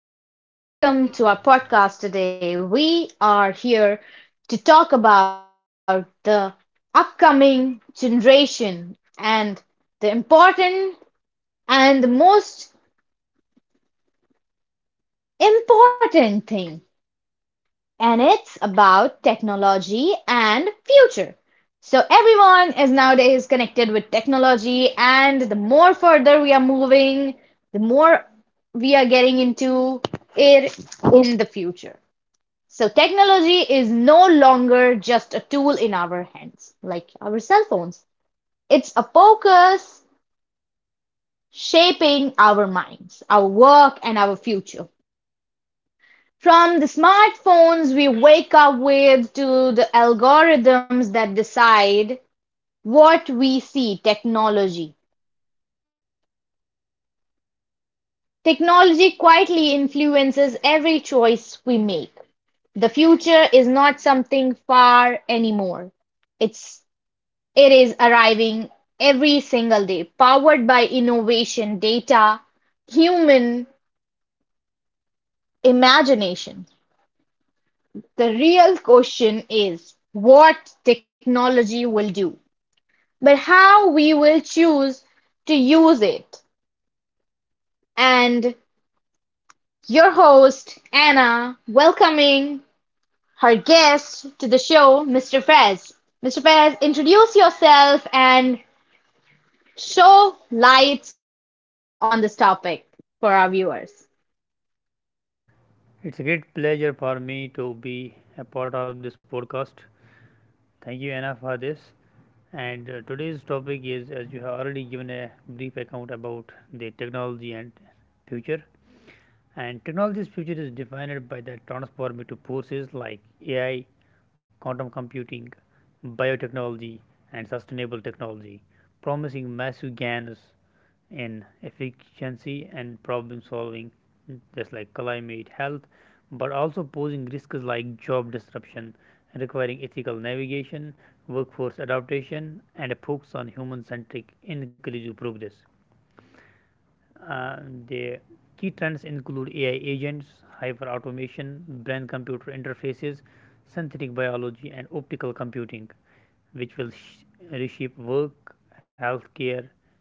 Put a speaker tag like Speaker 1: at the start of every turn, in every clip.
Speaker 1: Everyone, and welcome to our podcast today. We are here to talk about the upcoming generation and the important and the most important thing, and it's about technology and future. So, everyone is nowadays connected with technology, and the more further we are moving, the more we are getting into it in the future. So technology is no longer just a tool in our hands, like our cell phones. It's a focus shaping our minds, our work, and our future. From the smartphones we wake up with to the algorithms that decide what we see, technology. Technology quietly influences every choice we make. The future is not something far anymore. It's It is arriving every single day, powered by innovation, data, human imagination. The real question is what technology will do, but how we will choose to use it. And your host, Anna, welcoming her guest to the show, Mr. Fez. Mr. Fez, introduce yourself and show lights on this topic for our viewers.
Speaker 2: It's a great pleasure for me to be a part of this podcast. Thank you, Anna, for this. And Today's topic is, as you have already given a brief account about, the technology and future. And technology's future is defined by the transformative forces like AI, quantum computing, biotechnology, and sustainable technology, promising massive gains in efficiency and problem solving, just like climate health, but also posing risks like job disruption, requiring ethical navigation, workforce adaptation, and a focus on human centric inclusive progress. Uh, the key trends include AI agents, hyper automation, brain computer interfaces, synthetic biology, and optical computing which will reshape work, healthcare,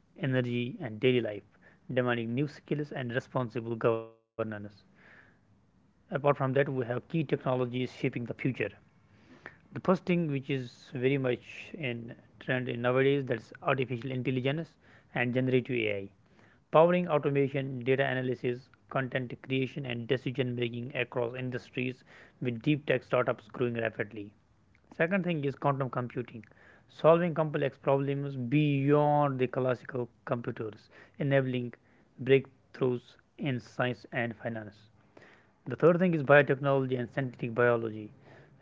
Speaker 2: energy, and daily life, demanding new skills and responsible governance. Apart from that, we have key technologies shaping the future. The first thing which is very much in trend in nowadays, that's artificial intelligence and generative AI, powering automation, data analysis, content creation, and decision making across industries with deep tech startups growing rapidly. Second thing is quantum computing, solving complex problems beyond the classical computers, enabling breakthroughs in science and finance. The third thing is biotechnology and synthetic biology,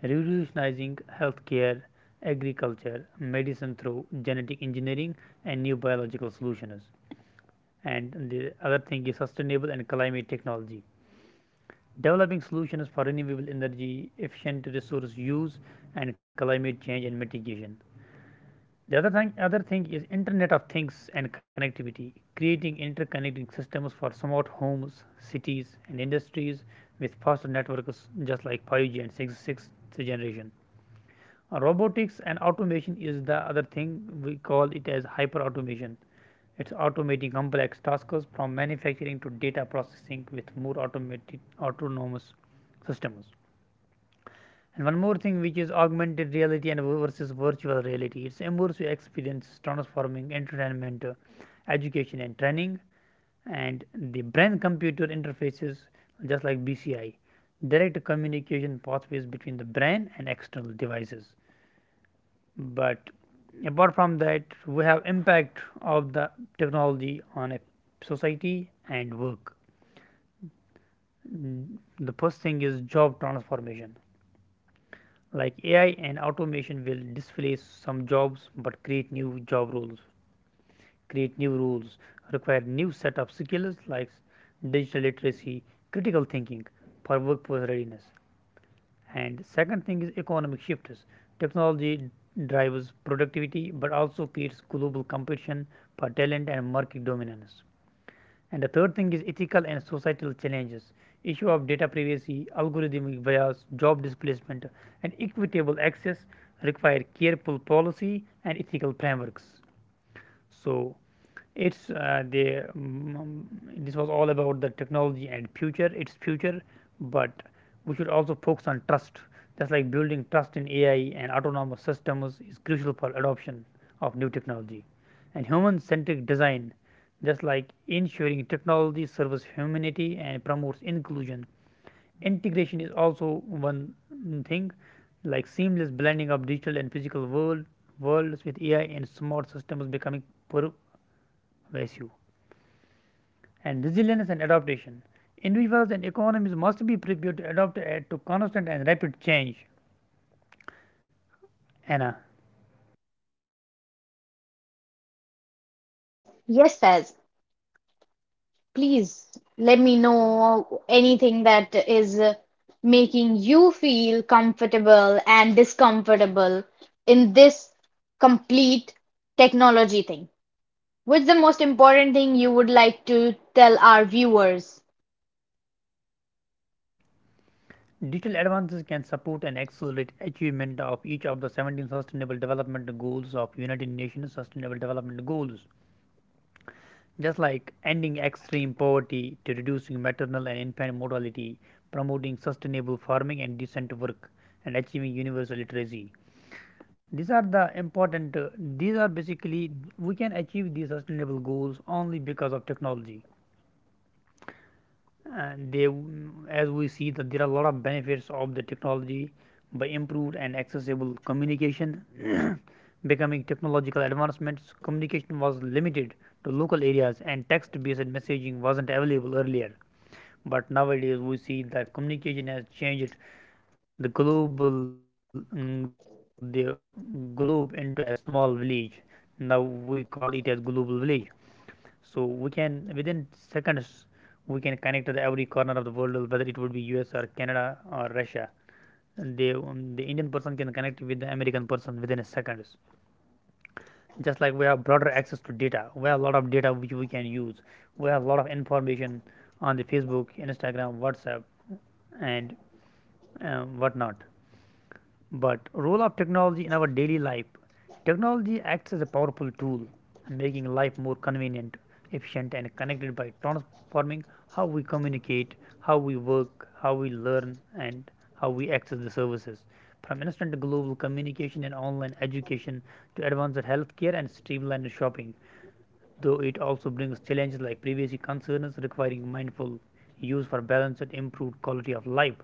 Speaker 2: revolutionizing healthcare, agriculture, medicine through genetic engineering and new biological solutions. And the other thing is sustainable and climate technology, developing solutions for renewable energy, efficient resource use, and climate change and mitigation. The other thing is Internet of Things and connectivity, creating interconnecting systems for smart homes, cities, and industries with faster networks just like 5G and 6th generation. Robotics and automation is the other thing, we call it as hyper automation. It's automating complex tasks from manufacturing to data processing with more automated autonomous systems. And one more thing, which is augmented reality and versus virtual reality. It's immersive experience transforming entertainment, education, and training, and the brain computer interfaces, just like BCI, direct communication pathways between the brain and external devices. But apart from that, we have impact of the technology on a society and work. Mm, The first thing is job transformation, like AI and automation will displace some jobs but create new job roles, create new rules, require new set of skills like digital literacy, critical thinking for workforce readiness. And second thing is economic shifts. Technology drives productivity but also creates global competition for talent and market dominance. And the third thing is ethical and societal challenges, issue of data privacy, algorithmic bias, job displacement, and equitable access require careful policy and ethical frameworks. So it's uh, the mm, this was all about the technology and future. Its future. But we should also focus on trust. Just like building trust in AI and autonomous systems is crucial for adoption of new technology, and human-centric design, just like ensuring technology serves humanity and promotes inclusion. Integration is also one thing, like seamless blending of digital and physical worlds with AI and smart systems becoming per- ratio and resilience and adaptation. Individuals and economies must be prepared to adapt to constant and rapid change. Anna,
Speaker 1: Yes, Saz, please let me know anything that is making you feel comfortable and discomfortable in this complete technology thing. What's the most important thing you would like to tell our viewers?
Speaker 2: digital advances can support and accelerate achievement of each of the 17 Sustainable Development Goals of United Nations Sustainable Development Goals, just like ending extreme poverty to reducing maternal and infant mortality, promoting sustainable farming and decent work, and achieving universal literacy. These are the important these are basically we can achieve these sustainable goals only because of technology. And they, as we see that there are a lot of benefits of the technology by improved and accessible communication. becoming technological advancements, communication was limited to local areas and text based messaging wasn't available earlier, but nowadays we see that communication has changed the globe into a small village. Now we call it as global village. So we can, within seconds, we can connect to the every corner of the world, whether it would be US or Canada or Russia. The Indian person can connect with the American person within a seconds. Just like we have broader access to data, we have a lot of data which we can use, we have a lot of information on the Facebook, Instagram, WhatsApp, and whatnot. But role of technology in our daily life: technology acts as a powerful tool, making life more convenient, efficient and connected by transforming how we communicate, how we work, how we learn and how we access the services. From instant global communication and online education to advanced healthcare and streamlined shopping, though it also brings challenges like privacy concerns requiring mindful use for balanced and improved quality of life.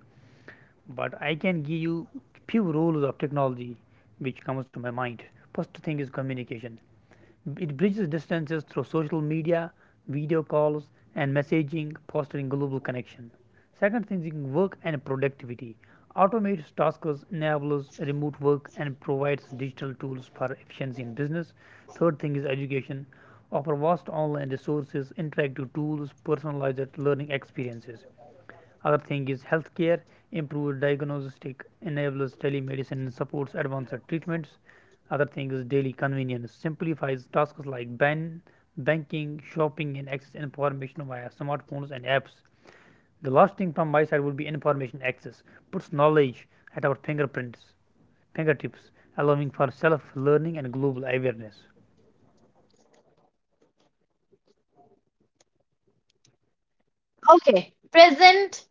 Speaker 2: But I can give you few rules of technology which comes to my mind. First thing is communication. It bridges distances through social media, video calls, and messaging, fostering global connection. Second thing is work and productivity. Automates tasks, enables remote work, and provides digital tools for efficiency in business. Third thing is education. Offer vast online resources, interactive tools, personalized learning experiences. Other thing is healthcare, improves diagnostic, enables telemedicine, and supports advanced treatments. Other thing is daily convenience, simplifies tasks like banking, shopping, and access information via smartphones and apps. The last thing from my side would be information access, puts knowledge at our fingertips, allowing for self-learning and global awareness.
Speaker 1: Okay, present,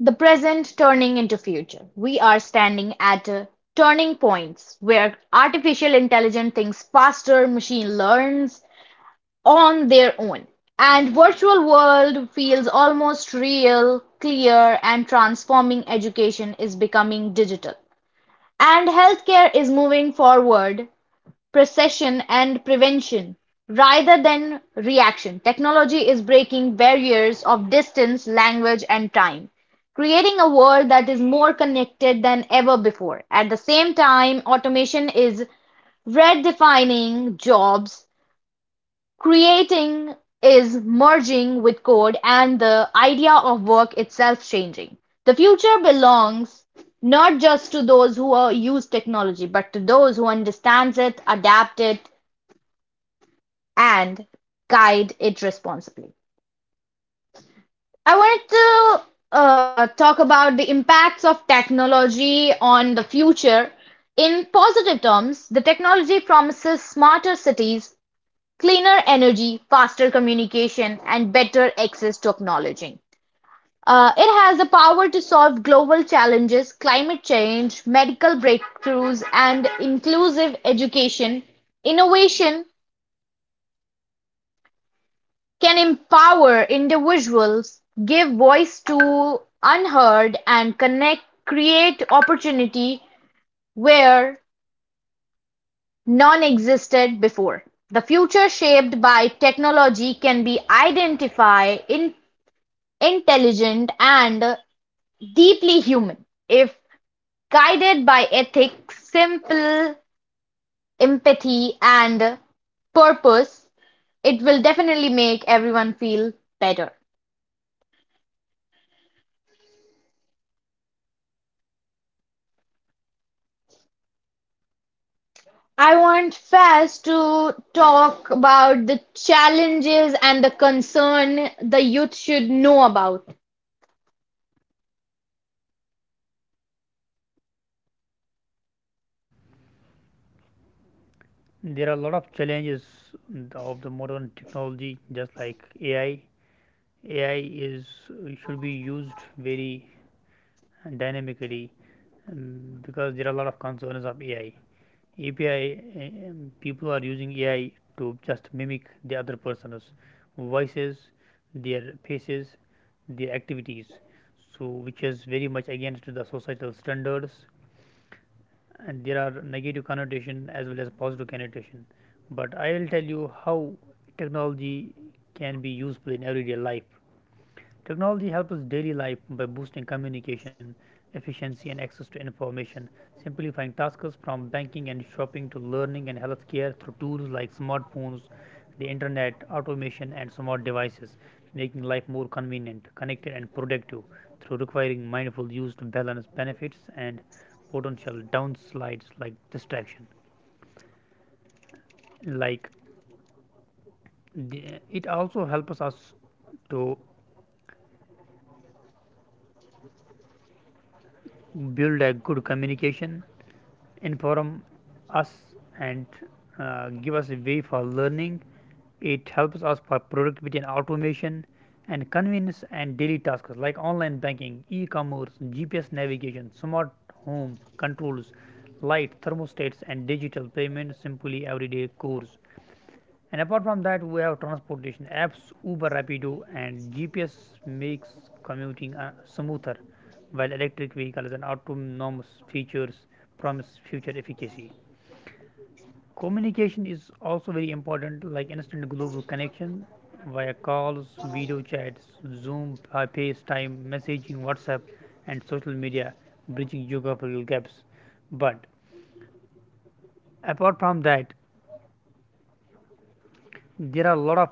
Speaker 1: the present turning into future. We are standing at turning points where artificial intelligence thinks faster, machine learns, on their own, and virtual world feels almost real, clear, and transforming education is becoming digital. And healthcare is moving forward, precision and prevention rather than reaction. Technology is breaking barriers of distance, language, and time, creating a world that is more connected than ever before. At the same time, automation is redefining jobs Creating is merging with code and the idea of work itself changing. The future belongs not just to those who are, use technology, but to those who understands it, adapt it, and guide it responsibly. I wanted to talk about the impacts of technology on the future. In positive terms, the technology promises smarter cities, cleaner energy, faster communication, and better access to knowledge. It has the power to solve global challenges, climate change, medical breakthroughs, and inclusive education. Innovation can empower individuals, give voice to unheard, and connect, create opportunity where none existed before. The future shaped by technology can be identified in Intelligent and deeply human, if guided by ethics, simple empathy and purpose, it will definitely make everyone feel better. I want Faz to talk about the challenges and the concern the youth should know about.
Speaker 2: There are a lot of challenges of the modern technology, just like AI. AI is should be used very dynamically, um, because there are a lot of concerns of AI. API uh, um, People are using AI to just mimic the other person's voices, their faces, their activities. So which is very much against the societal standards, and there are negative connotation as well as positive connotation. But I will tell you how technology can be useful in everyday life. Technology helps us daily life by boosting communication, efficiency, and access to information, simplifying tasks from banking and shopping to learning and healthcare through tools like smartphones, the internet, automation, and smart devices, making life more convenient, connected, and productive through requiring mindful use to balance benefits and potential downsides like distraction. Like the, it also helps us to build a good communication, inform us, and give us a way for learning. It helps us for productivity and automation and convenience and daily tasks like online banking, e-commerce, GPS navigation, smart home controls, light, thermostats and digital payments simply everyday chores. And apart from that, we have transportation apps, Uber, Rapido and GPS makes commuting smoother, while electric vehicles and autonomous features promise future efficacy. Communication is also very important, like instant global connection via calls, video chats, Zoom, FaceTime, messaging, WhatsApp, and social media, bridging geographical gaps. But apart from that, there are a lot of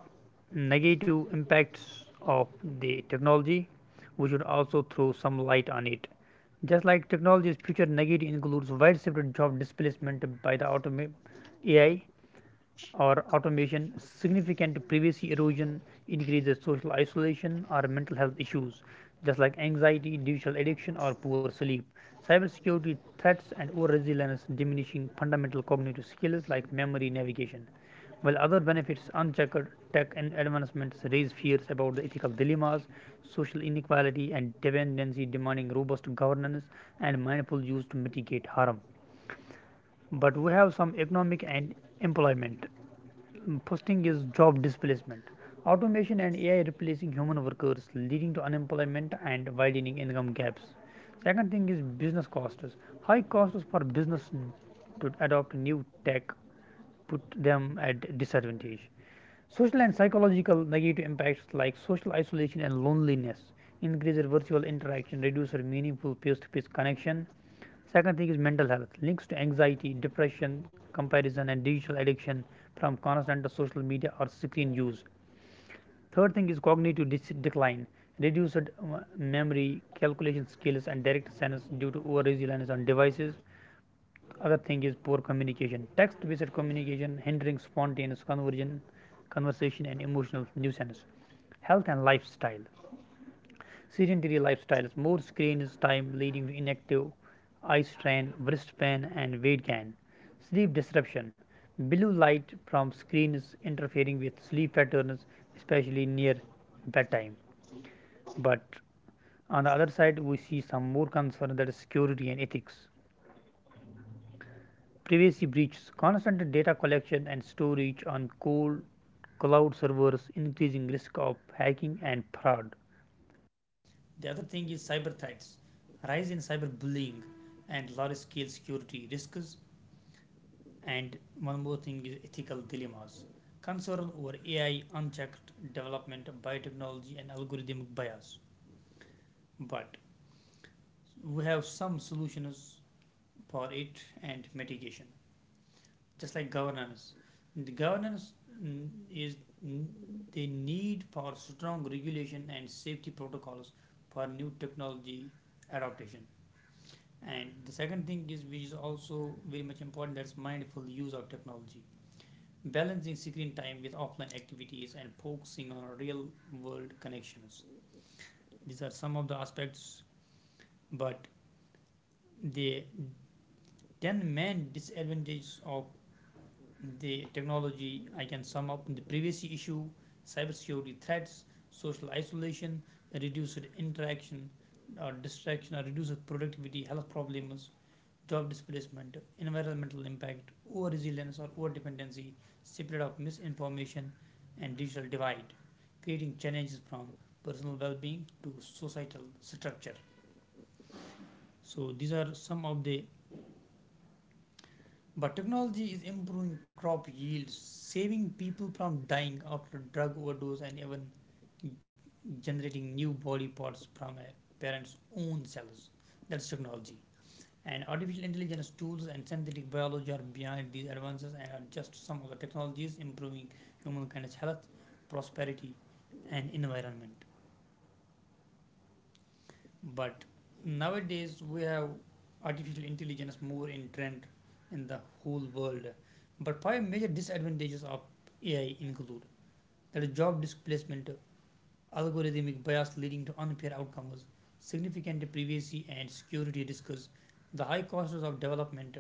Speaker 2: negative impacts of the technology. We should also throw some light on it. Just like technology's future negative includes widespread job displacement by the AI or automation, significant privacy erosion, increases social isolation or mental health issues, just like anxiety, digital addiction, or poor sleep. Cybersecurity threats and over resilience diminishing fundamental cognitive skills like memory navigation. While other benefits, unchecked tech and advancements raise fears about the ethical dilemmas, social inequality, and dependency demanding robust governance and mindful use to mitigate harm. But we have some economic and employment. First thing is job displacement. Automation and AI replacing human workers, leading to unemployment and widening income gaps. Second thing is business costs. High costs for business to adopt new tech put them at disadvantage. Social and psychological negative impacts like social isolation and loneliness, increased virtual interaction, reduced meaningful face-to-face connection. Second thing is mental health links to anxiety, depression, comparison, and digital addiction from constant social media or screen use. Third thing is cognitive decline, reduced memory, calculation skills, and direct sense due to over reliance on devices. Other thing is poor communication, text-based communication hindering spontaneous conversion, conversation, and emotional nuisance. Health and lifestyle. Sedentary lifestyles, more screen time leading to inactive eye strain, wrist pain, and weight gain. Sleep disruption, blue light from screens interfering with sleep patterns, especially near bedtime. But on the other side, we see some more concern that is security and ethics. Privacy breaches, constant data collection and storage on cold cloud servers, increasing risk of hacking and fraud. The other thing is cyber threats, rise in cyberbullying, and large scale security risks. And one more thing is ethical dilemmas, concern over AI, unchecked development, biotechnology, and algorithmic bias. But we have some solutions for it and mitigation, just like governance. The governance mm, is mm, the need for strong regulation and safety protocols for new technology adaptation. And the second thing, is which is also very much important, that's mindful use of technology. Balancing screen time with offline activities and focusing on real world connections. These are some of the aspects, but the 10 main disadvantages of the technology I can sum up the privacy issue, cybersecurity threats, social isolation, reduced interaction or distraction or reduced productivity, health problems, job displacement, environmental impact, over resilience or over dependency, spread of misinformation, and digital divide, creating challenges from personal well being to societal structure. So, these are some of the, but technology is improving crop yields, saving people from dying after drug overdose, and even generating new body parts from a parent's own cells. That's technology. And artificial intelligence tools and synthetic biology are behind these advances and are just some of the technologies improving humankind's health, prosperity, and environment. But nowadays, we have artificial intelligence more in trend in the whole world. But 5 major disadvantages of AI include that is job displacement, algorithmic bias leading to unfair outcomes, significant privacy and security risks, the high costs of development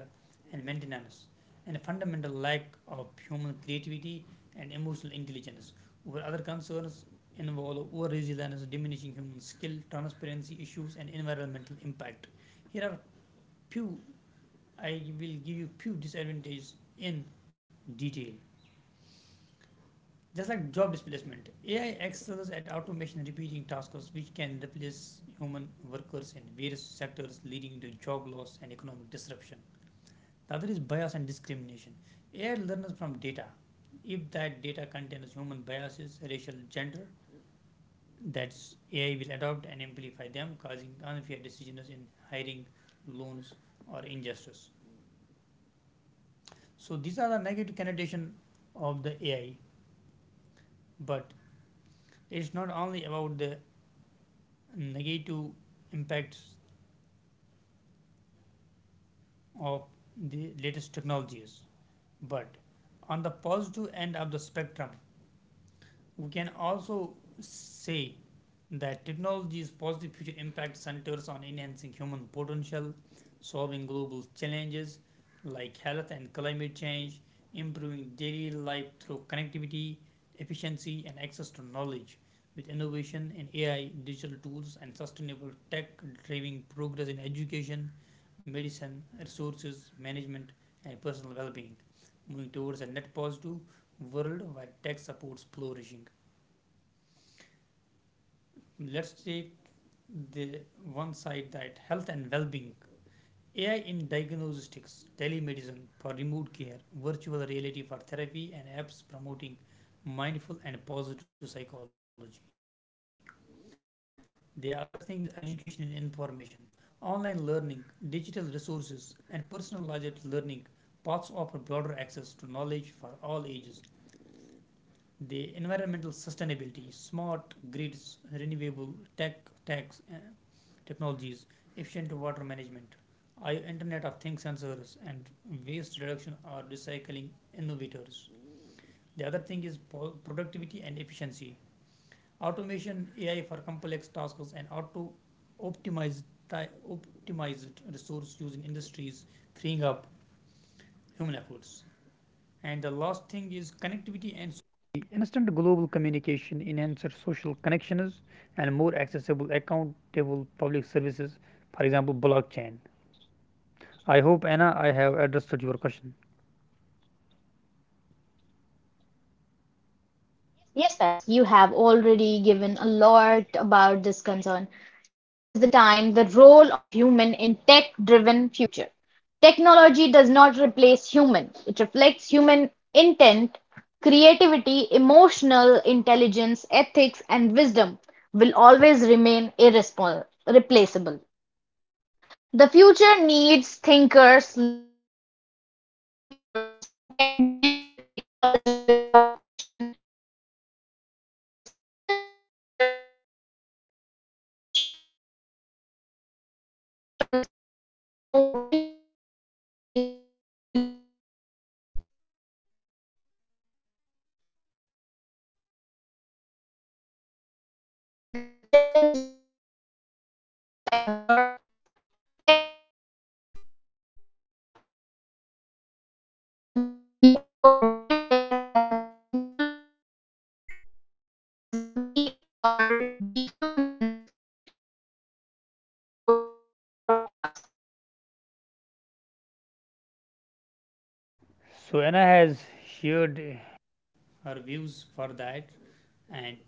Speaker 2: and maintenance, and a fundamental lack of human creativity and emotional intelligence, where other concerns involve over resilience, diminishing human skill, transparency issues, and environmental impact. Here are few, I will give you few disadvantages in detail. Just like job displacement, AI excels at automation repeating tasks which can replace human workers in various sectors, leading to job loss and economic disruption. The other is bias and discrimination. AI learns from data. If that data contains human biases, racial, gender, that's AI will adopt and amplify them, causing unfair decisions in hiring, loans, or injustice. So these are the negative connotation of the AI. But it's not only about the negative impacts of the latest technologies, but on the positive end of the spectrum, we can also say that technology's positive future impact centers on enhancing human potential, solving global challenges like health and climate change, improving daily life through connectivity, efficiency, and access to knowledge. With innovation in AI, digital tools, and sustainable tech driving progress in education, medicine, resources, management, and personal well being, moving towards a net positive world where tech supports flourishing. Let's take the one side, that health and well-being, AI in diagnostics, telemedicine for remote care, virtual reality for therapy, and apps promoting mindful and positive psychology. The other thing is education and information, online learning, digital resources, and personalized learning paths offer broader access to knowledge for all ages. The environmental sustainability, smart grids, renewable tech tax uh, technologies, efficient water management, I O Internet of Things sensors, and waste reduction are recycling innovators. The other thing is productivity and efficiency, automation, AI for complex tasks, and optimized ti- optimized resource use in industries, freeing up human efforts. And the last thing is connectivity and society. Instant global communication enhances social connections and more accessible, accountable public services, for example, blockchain. I hope, Anna, I have addressed your question.
Speaker 1: Yes, yes, you have already given a lot about this concern. Now is the time, the role of human in tech-driven future. Technology does not replace human. It reflects human intent, creativity, emotional intelligence, ethics, and wisdom will always remain irresponsible, replaceable. The future needs thinkers, leaders, and creators who can blend technology with compassion and vision. The smartest future is not built by machine alone, but by humans who know when to use technology and when to lead with heart. And the most important thing, the challenges we will be facing, however, every Advancement carries responsibility over dependence on technology, whereas we are the humans the upcoming generation will learn from us. We need to raise concern about not using
Speaker 2: So
Speaker 1: the
Speaker 2: Anna has
Speaker 1: technology
Speaker 2: shared
Speaker 1: in bad
Speaker 2: her
Speaker 1: way.
Speaker 2: views for
Speaker 1: Always
Speaker 2: that,
Speaker 1: use for your
Speaker 2: and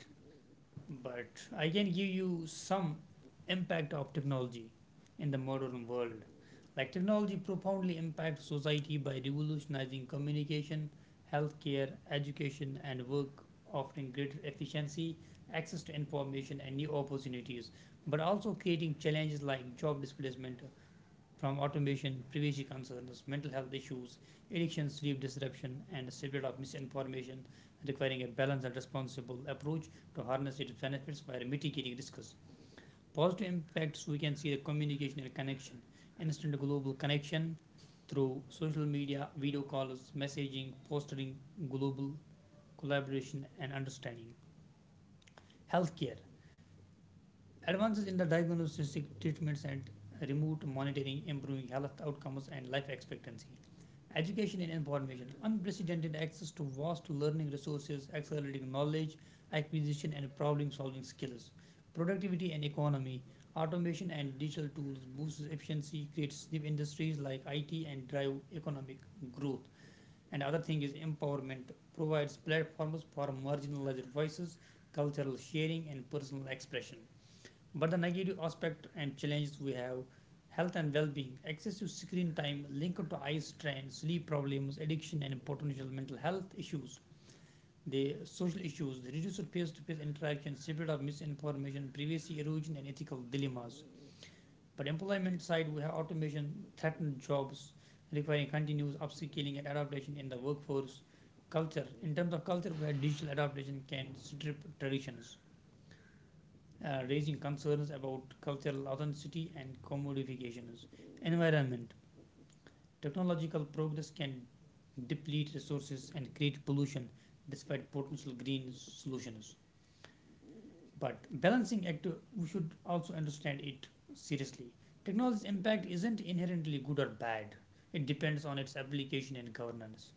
Speaker 1: good
Speaker 2: but I
Speaker 1: and
Speaker 2: can
Speaker 1: to
Speaker 2: give you
Speaker 1: learn, to
Speaker 2: some
Speaker 1: be
Speaker 2: impact
Speaker 1: creative
Speaker 2: of
Speaker 1: or to
Speaker 2: technology
Speaker 1: have
Speaker 2: in the
Speaker 1: good
Speaker 2: modern world.
Speaker 1: communication.
Speaker 2: Like, technology profoundly impacts society by revolutionizing communication,
Speaker 1: Technology
Speaker 2: healthcare,
Speaker 1: can weaken
Speaker 2: education,
Speaker 1: critical
Speaker 2: and work,
Speaker 1: thinking,
Speaker 2: offering
Speaker 1: reduce
Speaker 2: greater
Speaker 1: human
Speaker 2: efficiency,
Speaker 1: interaction, and
Speaker 2: access
Speaker 1: raise
Speaker 2: to
Speaker 1: concern
Speaker 2: information,
Speaker 1: about
Speaker 2: and new
Speaker 1: privacy and
Speaker 2: opportunities,
Speaker 1: data
Speaker 2: but
Speaker 1: security.
Speaker 2: also creating
Speaker 1: The
Speaker 2: challenges like
Speaker 1: digital
Speaker 2: job displacement
Speaker 1: drive can
Speaker 2: from automation,
Speaker 1: increase
Speaker 2: privacy concerns,
Speaker 1: inequality
Speaker 2: mental health
Speaker 1: if
Speaker 2: issues,
Speaker 1: access to
Speaker 2: addiction, sleep disruption,
Speaker 1: technology
Speaker 2: and the
Speaker 1: is
Speaker 2: spread of
Speaker 1: not
Speaker 2: misinformation,
Speaker 1: fair
Speaker 2: requiring a
Speaker 1: and
Speaker 2: balanced and
Speaker 1: inclusive.
Speaker 2: responsible approach
Speaker 1: The
Speaker 2: to
Speaker 1: future
Speaker 2: harness its
Speaker 1: demands
Speaker 2: benefits
Speaker 1: balance
Speaker 2: while
Speaker 1: between
Speaker 2: mitigating risks.
Speaker 1: innovation and
Speaker 2: Positive
Speaker 1: humanity,
Speaker 2: impacts we can see:
Speaker 1: speed
Speaker 2: the
Speaker 1: and
Speaker 2: communication and connection,
Speaker 1: reflection,
Speaker 2: instant
Speaker 1: progress
Speaker 2: global
Speaker 1: and value.
Speaker 2: connection through social media,
Speaker 1: As
Speaker 2: video
Speaker 1: we
Speaker 2: calls,
Speaker 1: moving further
Speaker 2: messaging,
Speaker 1: with the
Speaker 2: fostering
Speaker 1: technology
Speaker 2: global
Speaker 1: as lifestyle,
Speaker 2: collaboration
Speaker 1: not a
Speaker 2: and
Speaker 1: tool,
Speaker 2: understanding.
Speaker 1: technology is no
Speaker 2: Healthcare:
Speaker 1: longer something we use, it
Speaker 2: advances in
Speaker 1: is
Speaker 2: the
Speaker 1: something we
Speaker 2: diagnostic
Speaker 1: live with.
Speaker 2: treatments and
Speaker 1: Our
Speaker 2: remote
Speaker 1: routines,
Speaker 2: monitoring
Speaker 1: habits,
Speaker 2: improving health outcomes and
Speaker 1: relationships,
Speaker 2: life
Speaker 1: and
Speaker 2: expectancy.
Speaker 1: even
Speaker 2: Education and
Speaker 1: emotions are
Speaker 2: information:
Speaker 1: influenced by
Speaker 2: unprecedented access
Speaker 1: screens.
Speaker 2: to vast learning
Speaker 1: Notification
Speaker 2: resources,
Speaker 1: can
Speaker 2: accelerating
Speaker 1: digital
Speaker 2: knowledge
Speaker 1: system.
Speaker 2: acquisition and problem solving skills. Productivity and economy: automation and digital tools boosts efficiency, creates new industries like IT, and drive economic growth. And other thing is empowerment, provides platforms for marginalized voices, cultural sharing, and personal expression. But the negative aspect and challenges we have: health and well-being, excessive screen time linked to eye strain, sleep problems, addiction, and potential mental health issues; the social issues, the reduced face-to-face interaction, spread of misinformation, privacy erosion, and ethical dilemmas. But employment side, we have automation, threatened jobs, requiring continuous upskilling and adaptation in the workforce. Culture: in terms of culture, where digital adaptation can strip traditions, raising concerns about cultural authenticity and commodifications. Environment: technological progress can deplete resources and create pollution despite potential green solutions. But balancing act, we should also understand it seriously. Technology's impact isn't inherently good or bad, it depends on its application and governance.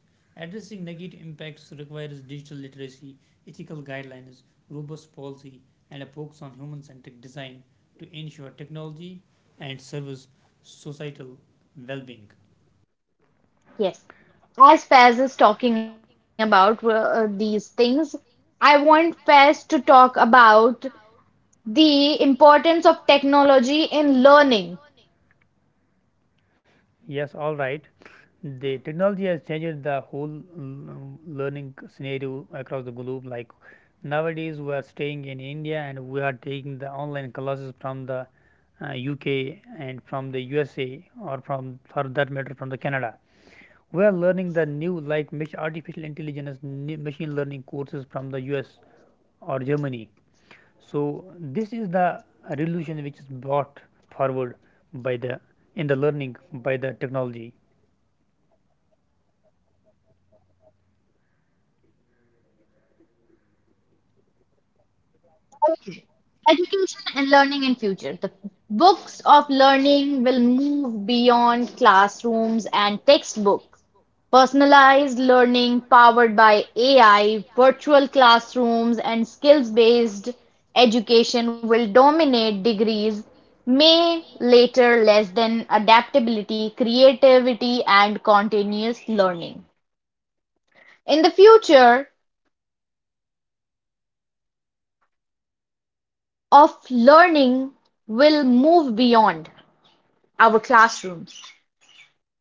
Speaker 2: Addressing negative impacts requires digital literacy, ethical guidelines, robust policy, and a focus on human centric design to ensure technology and service societal well being.
Speaker 1: Yes. As Faz is talking about these things, I want Faz to talk about the importance of technology in learning.
Speaker 2: Yes, all right. The technology has changed the whole learning scenario across the globe. Like nowadays, we are staying in India and we are taking the online classes from the UK and from the USA, or from, for that matter, from the Canada. We are learning the new, like artificial intelligence, new machine learning courses from the US or Germany. So this is the revolution which is brought forward by the, in the learning, by the technology.
Speaker 1: Okay. Education and learning in future. The books of learning will move beyond classrooms and textbook. Personalized learning powered by AI, virtual classrooms, and skills-based education will dominate degrees may later less than adaptability, creativity, and continuous learning. In the future of learning will move beyond our classrooms.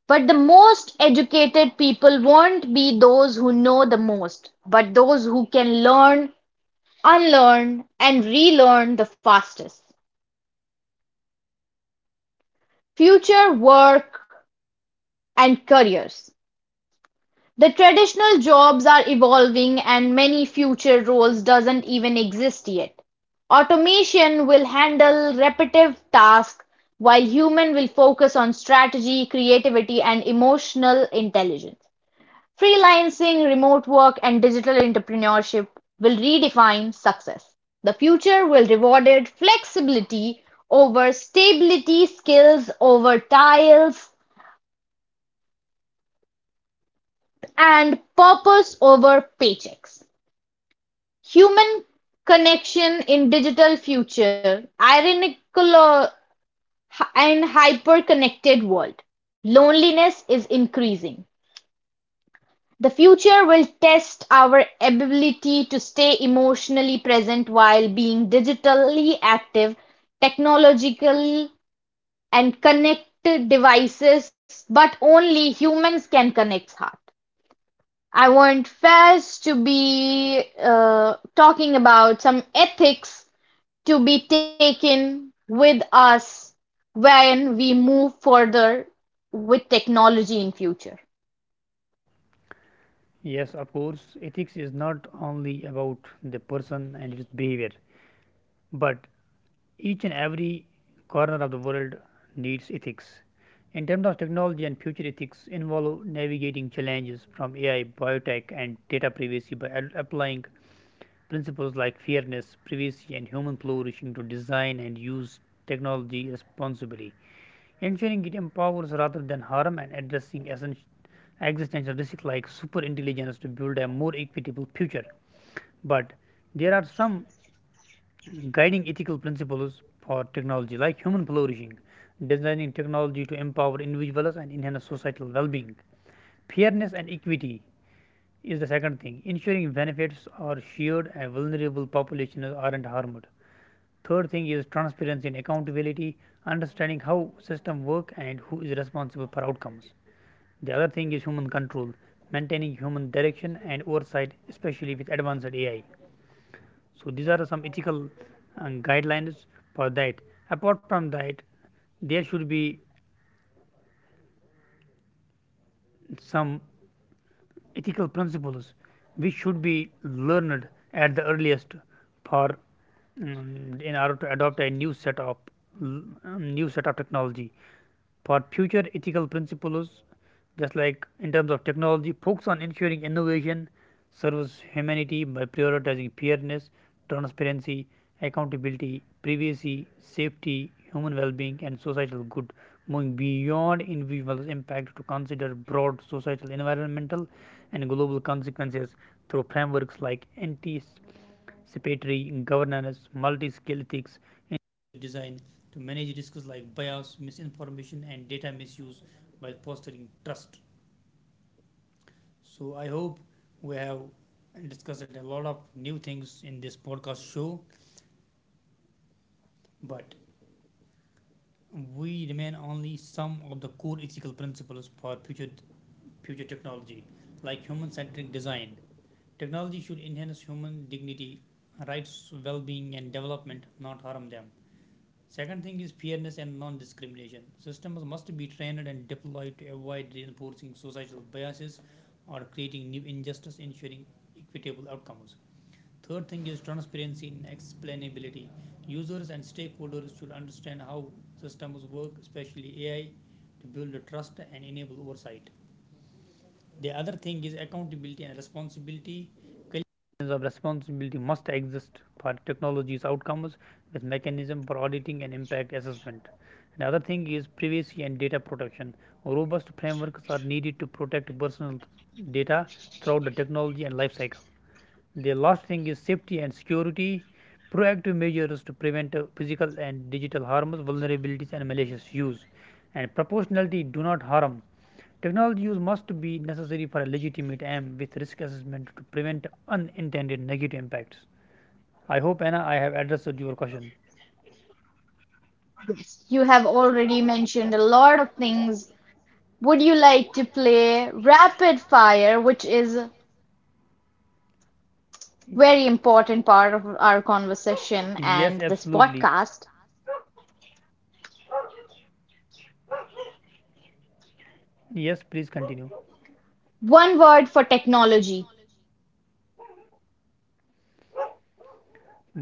Speaker 1: But the most educated people won't be those who know the most, but those who can learn Unlearn and relearn the fastest. Future work and careers. The traditional jobs are evolving and many future roles doesn't even exist yet. Automation will handle repetitive tasks while human will focus on strategy, creativity and emotional intelligence. Freelancing, remote work, and digital entrepreneurship will redefine success. The future will reward flexibility over stability, skills over tiles, and purpose over paychecks. Human connection in digital future, ironical and hyper-connected world. Loneliness is increasing. The future will test our ability to stay emotionally present while being digitally active, technological and connected devices, but only humans can connect heart. I want first to be talking about some ethics to be taken with us when we move further with technology in future.
Speaker 2: Yes, of course, ethics is not only about the person and his behavior, but each and every corner of the world needs ethics. In terms of technology and future ethics, involve navigating challenges from AI, biotech, and data privacy by applying principles like fairness, privacy, and human flourishing to design and use technology responsibly, ensuring it empowers rather than harm, and addressing essential existential risks like super, to build a more equitable future. But there are some guiding ethical principles for technology, like human flourishing, designing technology to empower individuals and enhance societal well being. Fairness and equity is the second thing, ensuring benefits are shared and vulnerable populations aren't harmed. Third thing is transparency and accountability, understanding how systems work and who is responsible for outcomes. The other thing is human control, maintaining human direction and oversight, especially with advanced AI. So these are some ethical guidelines for that. Apart from that, there should be some ethical principles which should be learned at the earliest, for in order to adopt a new set of technology. For future ethical principles, just like in terms of technology, focus on ensuring innovation serves humanity by prioritizing fairness, transparency, accountability, privacy, safety, human well-being, and societal good, moving beyond individual impact to consider broad societal, environmental, and global consequences through frameworks like anticipatory governance, multi scale ethics, and design to manage risks like bias, misinformation, and data misuse while fostering trust. So, I hope we have discussed a lot of new things in this podcast show, but we remain only some of the core ethical principles for future, future technology, like human centric design. Technology should enhance human dignity, rights, well-being, and development, not harm them. Second thing is fairness and non discrimination. Systems must be trained and deployed to avoid reinforcing societal biases or creating new injustice, ensuring equitable outcomes. Third thing is transparency and explainability. Users and stakeholders should understand how systems work, especially AI, to build trust and enable oversight. The other thing is accountability and responsibility. Collections of responsibility must exist for technology's outcomes, with mechanism for auditing and impact assessment. The other thing is privacy and data protection. Robust frameworks are needed to protect personal data throughout the technology and life cycle. The last thing is safety and security. Proactive measures to prevent physical and digital harms, vulnerabilities, and malicious use. And proportionality, do not harm. Technology use must be necessary for a legitimate aim with risk assessment to prevent unintended negative impacts. I hope, Anna, I have addressed your question.
Speaker 1: You have already mentioned a lot of things. Would you like to play rapid fire, which is a very important part of our conversation
Speaker 2: Yes,
Speaker 1: and this
Speaker 2: absolutely.
Speaker 1: podcast?
Speaker 2: Yes, please continue.
Speaker 1: One word for technology.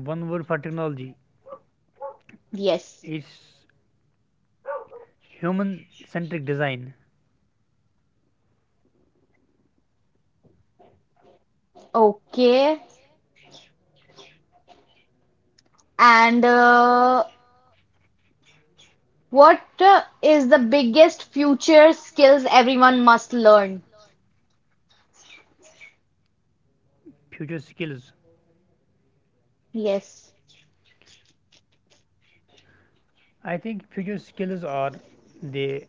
Speaker 2: One word for technology
Speaker 1: Yes.
Speaker 2: is human centric design.
Speaker 1: Okay. And what is the biggest future skills everyone must learn?
Speaker 2: Future skills.
Speaker 1: Yes.
Speaker 2: I think future skills are, they,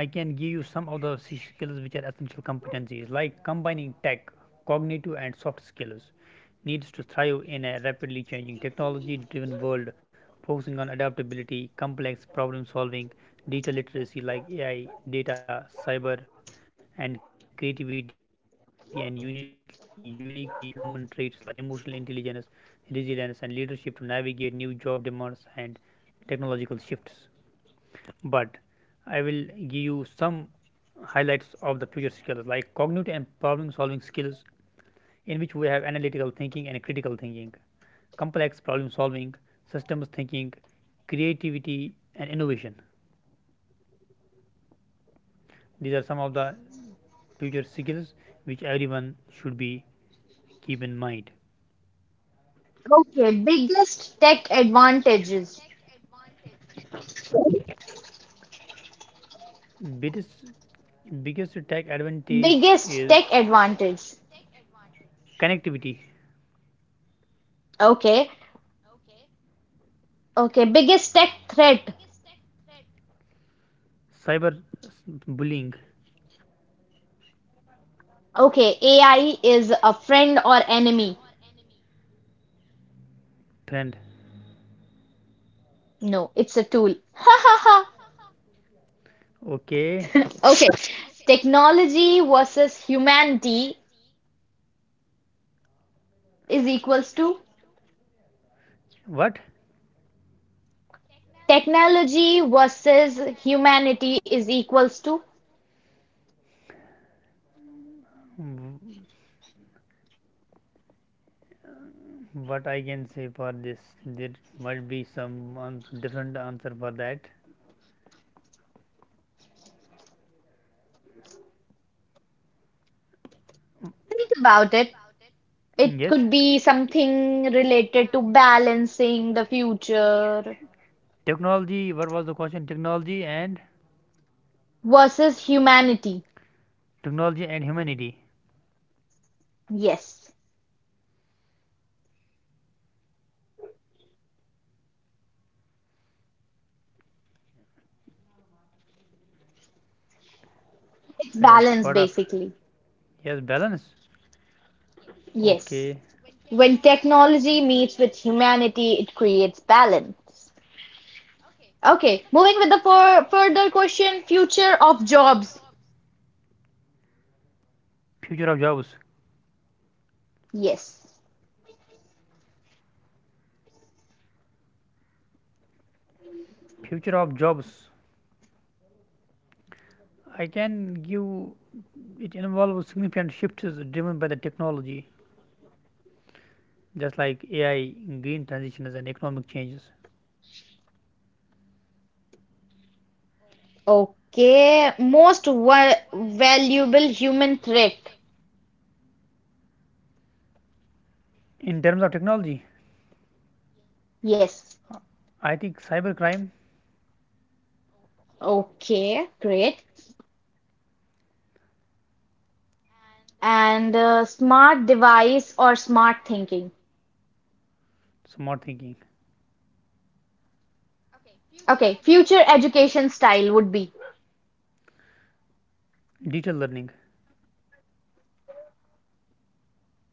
Speaker 2: I can give you some of the skills which are essential competencies, like combining tech, cognitive and soft skills needs to thrive in a rapidly changing technology driven world, focusing on adaptability, complex problem solving, digital literacy like AI, data, cyber, and creativity, and uniquely human traits like emotional intelligence, resilience, and leadership to navigate new job demands and technological shifts. But I will give you some highlights of the future skills, like cognitive and problem solving skills, in which we have analytical thinking and critical thinking, complex problem solving, systems thinking, creativity and innovation. These are some of the future skills which everyone should be keep in mind.
Speaker 1: Okay, biggest tech advantages.
Speaker 2: Biggest biggest tech advantage
Speaker 1: Biggest tech
Speaker 2: is
Speaker 1: advantage.
Speaker 2: connectivity,
Speaker 1: Okay. Okay, biggest tech threat.
Speaker 2: cyber bullying,
Speaker 1: Okay, AI is a friend or enemy.
Speaker 2: trend.
Speaker 1: No, it's a tool. Ha ha ha.
Speaker 2: Okay,
Speaker 1: Okay, technology versus humanity is equals to
Speaker 2: what?
Speaker 1: technology versus humanity is equals to
Speaker 2: What I can say for this? There might be different answer for that.
Speaker 1: think about it. It
Speaker 2: Yes,
Speaker 1: could be something related to balancing the future
Speaker 2: technology. What was the question? Technology and
Speaker 1: versus humanity.
Speaker 2: technology and humanity
Speaker 1: Yes, it's
Speaker 2: as
Speaker 1: balance
Speaker 2: part of,
Speaker 1: basically.
Speaker 2: yes, balance.
Speaker 1: Yes.
Speaker 2: Okay,
Speaker 1: When technology meets with humanity, it creates balance. Okay, moving with the further question, future of jobs.
Speaker 2: future of jobs.
Speaker 1: Yes.
Speaker 2: Future of jobs. I can give, it involves significant shifts driven by the technology, just like AI, green transitions, and economic changes.
Speaker 1: Okay, most valuable human threat.
Speaker 2: In terms of technology,
Speaker 1: Yes.
Speaker 2: I think cybercrime,
Speaker 1: Okay, great. And smart device or smart thinking.
Speaker 2: smart thinking,
Speaker 1: Okay, future education style would be
Speaker 2: digital learning.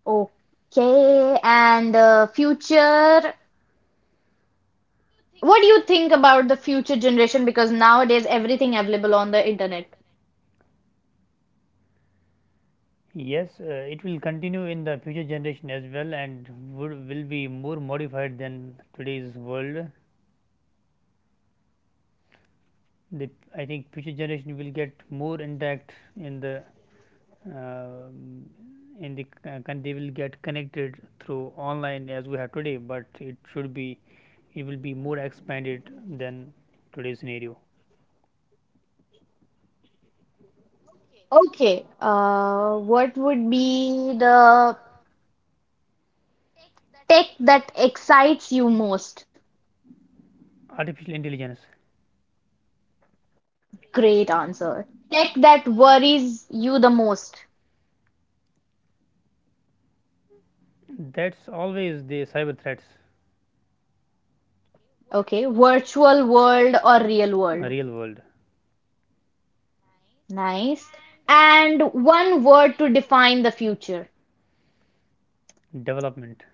Speaker 1: Okay, and future what do you think about the future generation? Because nowadays everything available on the internet.
Speaker 2: Yes, it will continue in the future generation as well, and would, will be more modified than today's world. The, I think future generation will get more intact in the uh, in the they will get connected through online as we have today, but it should be, it will be more expanded than today's scenario.
Speaker 1: Okay, what would be the tech that excites you most?
Speaker 2: Artificial intelligence.
Speaker 1: Great answer. Tech that worries you the most.
Speaker 2: That's always the cyber threats,
Speaker 1: Okay, virtual world or real world?
Speaker 2: real world.
Speaker 1: Nice. And one word to define the future.
Speaker 2: Development.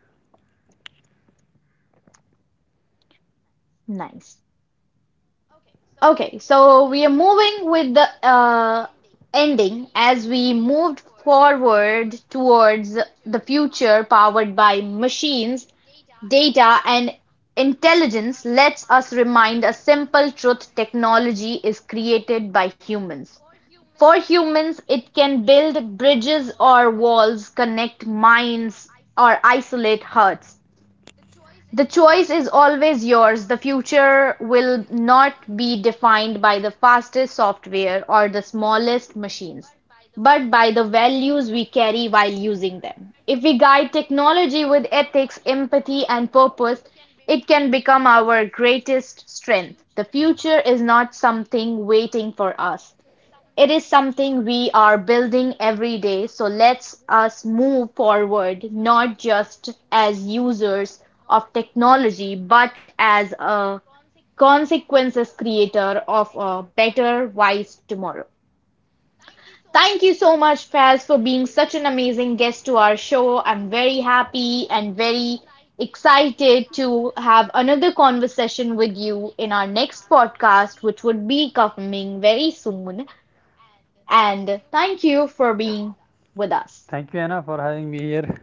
Speaker 1: Nice. Okay, so we are moving with the ending as we moved forward towards the future powered by machines, data, and intelligence lets us remind a simple truth technology is created by humans. For humans, it can build bridges or walls, connect minds, or isolate hearts. The choice is always yours, the future will not be defined by the fastest software or the smallest machines, but by the values we carry while using them. If we guide technology with ethics, empathy, and purpose, it can become our greatest strength. The future is not something waiting for us. It is something we are building every day, so let's us move forward not just as users of technology, but as a consequences creator of a better, wise tomorrow. Thank you so much, Faz, for being such an amazing guest to our show. I'm very happy and very excited to have another conversation with you in our next podcast, which would be coming very soon. And thank you for being with us.
Speaker 2: Thank you, Anna, for having me here.